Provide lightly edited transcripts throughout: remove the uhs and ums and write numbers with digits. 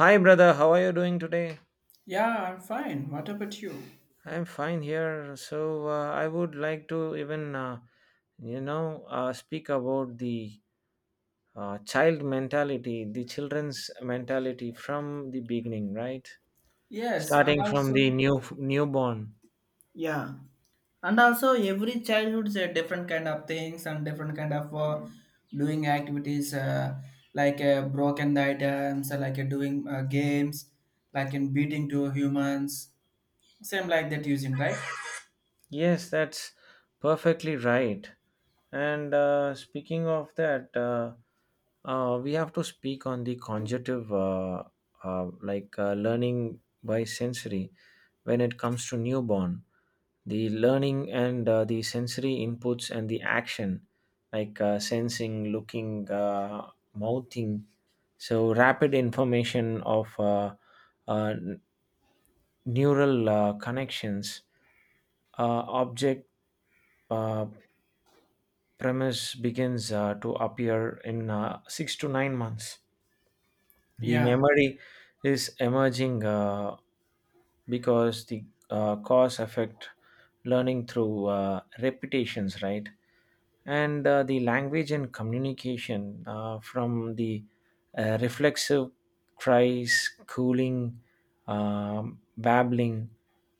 Hi, brother. How are you doing today? Yeah, I'm fine. What about you? I'm fine here. So I would like to speak about the child mentality, the children's mentality from the beginning, right? Yes, and Starting from the also. Newborn. Yeah, and also every childhood's a different kind of things and different kind of doing activities like broken items, like doing games, like in beating to humans, same like that using, right? Yes, that's perfectly right. And speaking of that, we have to speak on the conjunctive, learning by sensory. When it comes to newborn, the learning and the sensory inputs and the action, like sensing, looking, mouthing, so rapid information of uh, neural connections, object uh, premise begins to appear in 6 to 9 months. The Yeah. memory is emerging because the cause affect learning through repetitions, right? And the language and communication from the reflexive cries, cooling, babbling.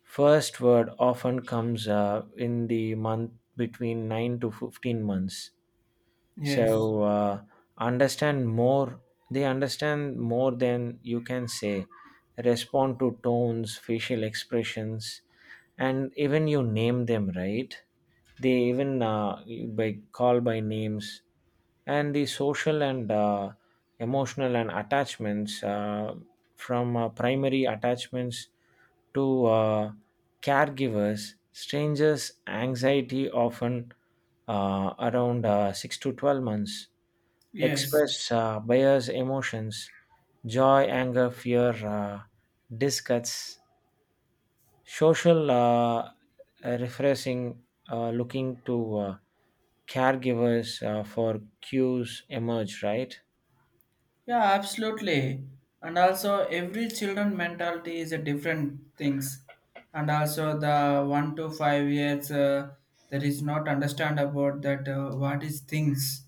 First word often comes in the month between 9 to 15 months. Yes. So understand more They understand more than you can say, respond to tones, facial expressions, and even you name them, right? They even by call by names. And the social and emotional and attachments from primary attachments to caregivers, strangers anxiety often around 6 to 12 months. Yes. Express bias emotions, joy, anger, fear, disgusts, social refreshing, looking to caregivers for cues emerge, right? Yeah, absolutely. And also every children mentality is a different things. And also the 1 to 5 years, that is not understand about that what is things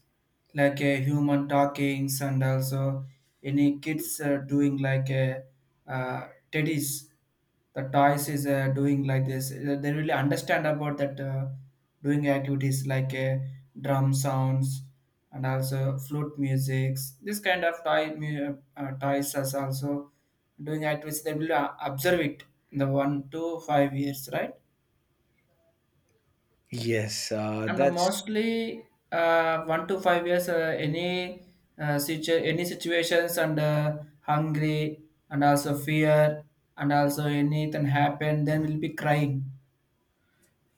like a human talkings, and also any kids doing like a teddies, the toys is doing like this. They really understand about that doing activities like drum sounds and also flute musics. This kind of toy toys is also doing activities. They will observe it in the 1 to 5 years, right? Yes, And that's mostly 1 to 5 years, any any situations, and hungry, and also fear, and also anything happen, then we'll be crying.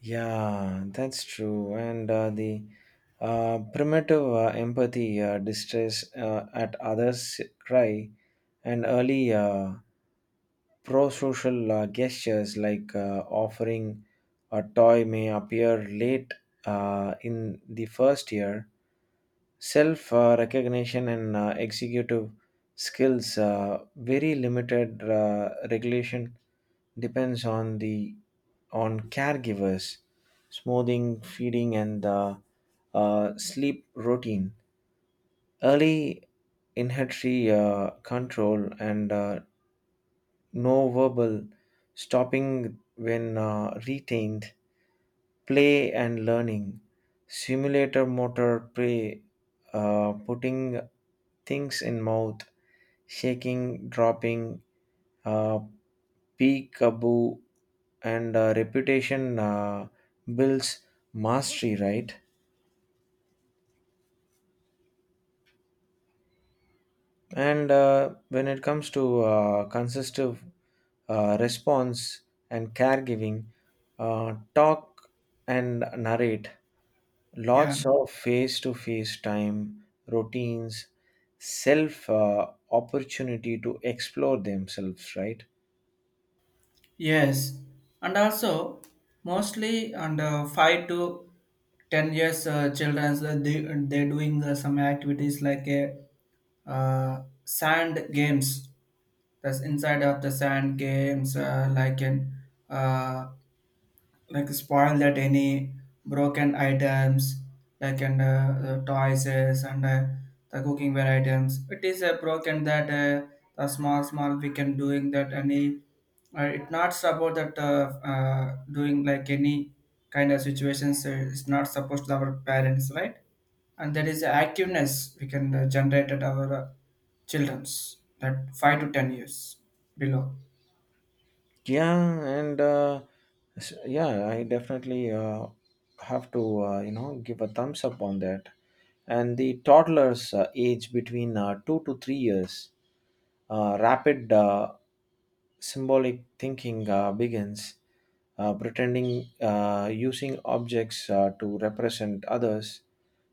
Yeah, that's true. And the primitive empathy, distress at others' cry, and early pro-social gestures like offering a toy may appear late in the first year. Self recognition and executive skills, very limited regulation depends on the on caregivers, smoothing, feeding, and sleep routine. Early inheritory control and no verbal, stopping when retained, play and learning, simulator motor play, putting things in mouth, shaking, dropping, uh, peekaboo, and reputation builds mastery, right? And when it comes to consistent response and caregiving, talk and narrate, Yeah, lots of face to face time, routines, self opportunity to explore themselves, right? yes, and also mostly under 5 to 10 years childrens, they're doing some activities like a sand games. That's inside of the sand games, like an, uh, like spoil that any broken items like, and the toys, and the cooking ware items it is broken, that the small small we can doing that any, it not about that doing like any kind of situations, it's not supposed to our parents, right? And there is a activeness we can generate at our children's that 5 to 10 years below. Yeah, and uh, yeah. I definitely have to give a thumbs up on that. And the toddlers age between 2 to 3 years, rapid symbolic thinking begins, pretending using objects to represent others,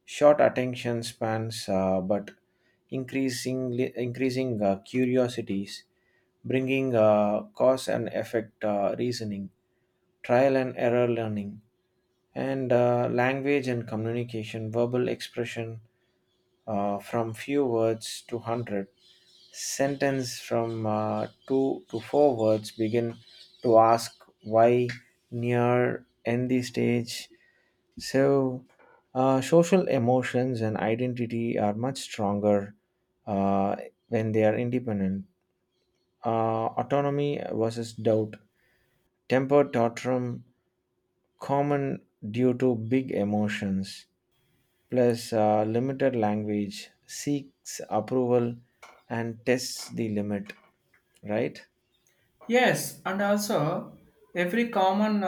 short attention spans, but increasingly increasing curiosities, bringing cause and effect reasoning, trial and error learning, and language and communication, verbal expression from few words to hundred. Sentence from two to four words begin to ask why, near, end the stage. So, social emotions and identity are much stronger uh, when they are independent. Autonomy versus doubt, temper tantrum, common due to big emotions, plus limited language, seeks approval and tests the limit, right? Yes, and also every common uh,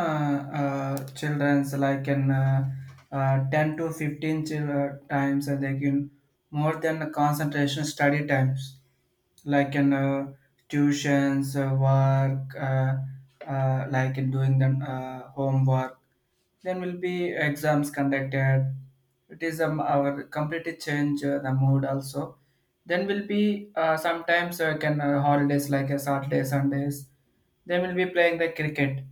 uh, children's, like in 10 to 15 times, and they can more than a concentration study times, like in tuitions, work, like in doing the homework. Then will be exams conducted. It is our completely change the mood also. Then will be sometimes can holidays like a Saturday Sundays, they will be playing the cricket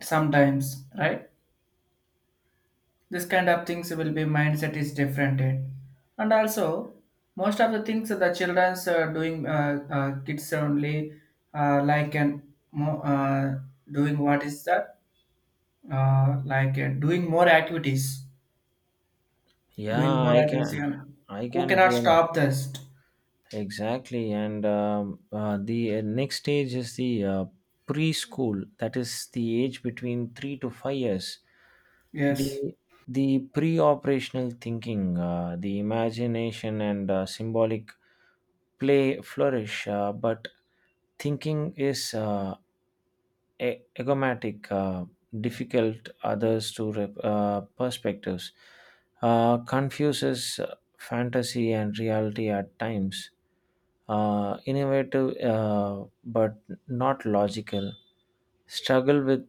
sometimes, right? This kind of things will be mindset is different, eh? And also most of the things that the children's are doing kids only, like, and mo- uh, doing what is that, like doing more activities, doing yeah more i can activities, and i who can cannot really stop this. Exactly. And the next stage is the preschool, that is the age between 3 to 5 years. Yes. The the pre-operational thinking, the imagination and symbolic play flourish, but thinking is agomatic, difficult others to perspectives, confuses fantasy and reality at times, innovative but not logical, struggle with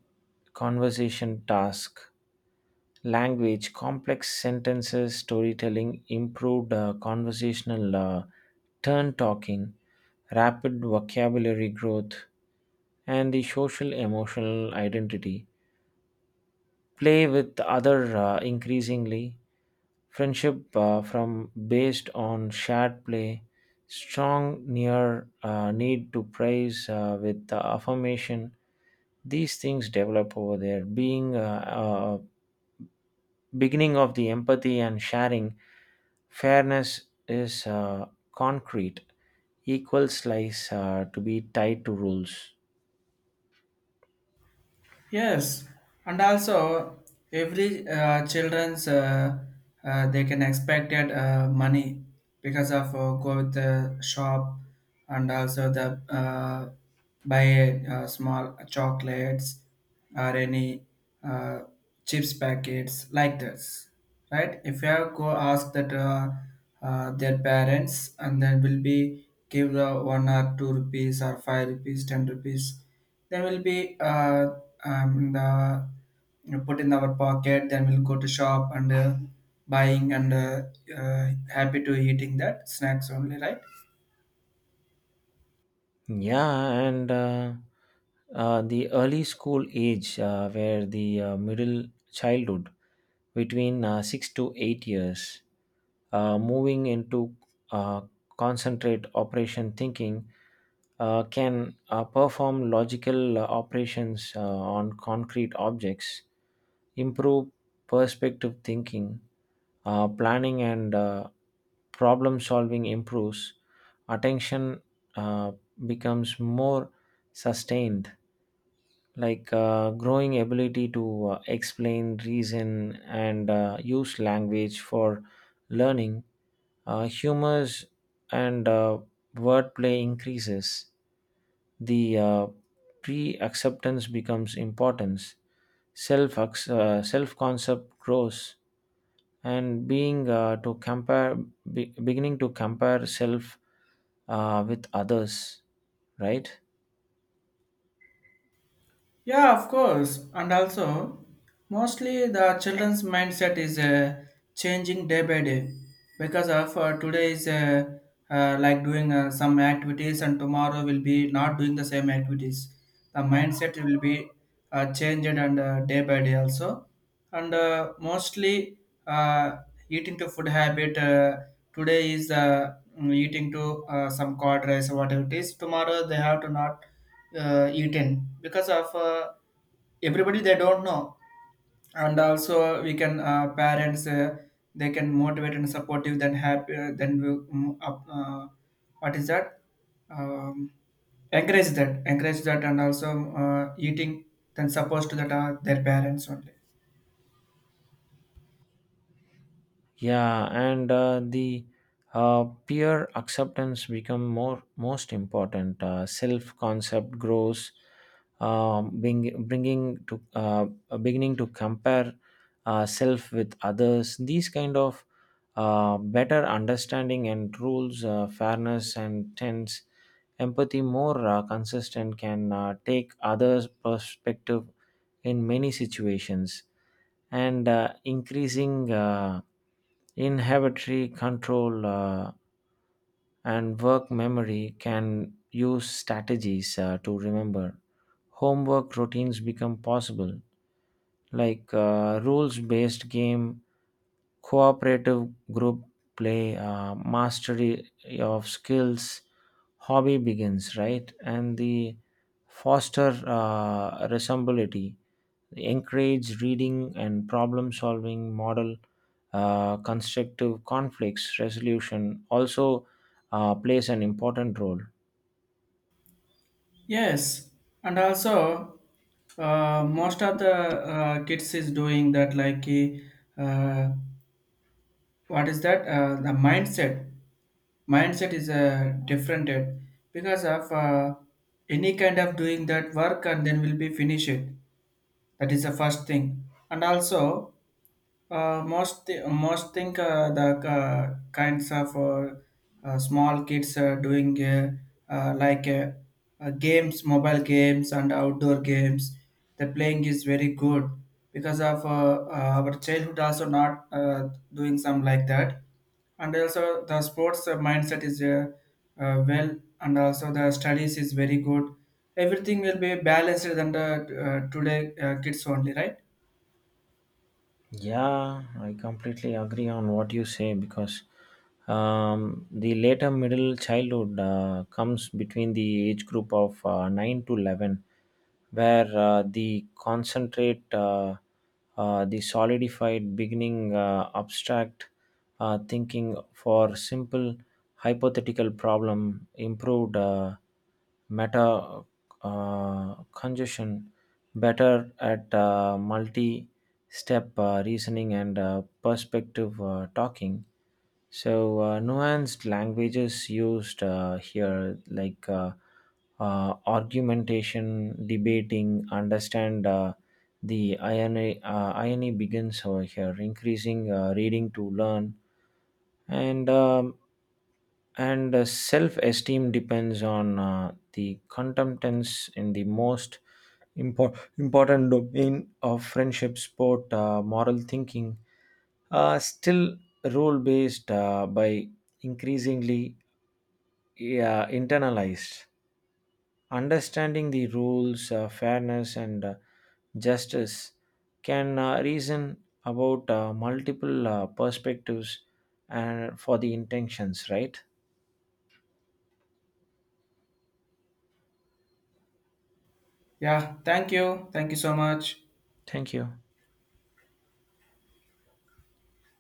conversation task, language, complex sentences, storytelling, improved conversational turn talking, rapid vocabulary growth, and the social emotional identity. Play with other increasingly, friendship from based on shared play, strong near need to praise with affirmation. These things develop over there, being beginning of the empathy and sharing. Fairness is concrete. Equal slice to be tied to rules. Yes, and also every children's, they can expected money because of go with the shop, and also the buy small chocolates or any uh, chips packets like this, right? If you have go ask that their parents, and then will be give the 1 or 2 rupees or 5 rupees, 10 rupees. Then we'll be the put in our pocket. Then we'll go to shop and buying and happy to eating that snacks only, right? Yeah, and The early school age, where the middle childhood between 6 to 8 years, moving into uh, concentrate operation thinking, can perform logical operations on concrete objects, improve perspective thinking, planning and problem solving improves. Attention uh, becomes more sustained, like growing ability to explain reason and use language for learning. Humors and wordplay increases. The pre-acceptance becomes importance. Self concept grows and being to compare, beginning to compare self with others, right? Yeah, of course. And also, mostly the children's mindset is changing day by day because of today is, like doing some activities, and tomorrow will be not doing the same activities. The mindset will be changed, and day by day also. And mostly uh, eating to food habit. Today is, eating to some cod rice, or whatever it is tomorrow they have to not eat in because of everybody they don't know. And also we can parents, they can motivate and supportive then happy, then we, up, what is that, um, encourage that, encourage that, and also eating then supposed to that are their parents only. Yeah, and the peer acceptance become more most important. Self concept grows, bringing to beginning to compare self with others. These kind of better understanding and rules, fairness and tense, empathy more consistent, can take others' perspective in many situations, and increasing inhibitory control and work memory, can use strategies to remember. Homework routines become possible, like rules based game, cooperative group play, mastery of skills, hobby begins, right? And the foster resemblability, encourage reading and problem solving model, constructive conflicts resolution also plays an important role. Yes, and also most of the kids is doing that, like uh, what is that, the mindset. Mindset is different, because of any kind of doing that work, and then will be finish it. That is the first thing, and also. Most think the kinds of small kids are doing, like games, mobile games and outdoor games. The playing is very good because of our childhood also not doing some like that, and also the sports mindset is well, and also the studies is very good. Everything will be balanced than the today kids only, right? Yeah, I completely agree on what you say because the later middle childhood comes between the age group of 9 to 11, where the the solidified beginning abstract thinking for simple hypothetical problem improved. Meta uh, congestion, better at multi step reasoning and perspective talking. So nuanced languages used here, like argumentation, debating, understand the INA, INA begins over here, increasing reading to learn. And um, and uh, self-esteem depends on the contentants in the most important domain of friendship, sport. Moral thinking still rule-based by increasingly, yeah, internalized, understanding the rules, fairness and justice, can reason about multiple perspectives and for the intentions, right? Yeah, thank you. Thank you so much. Thank you.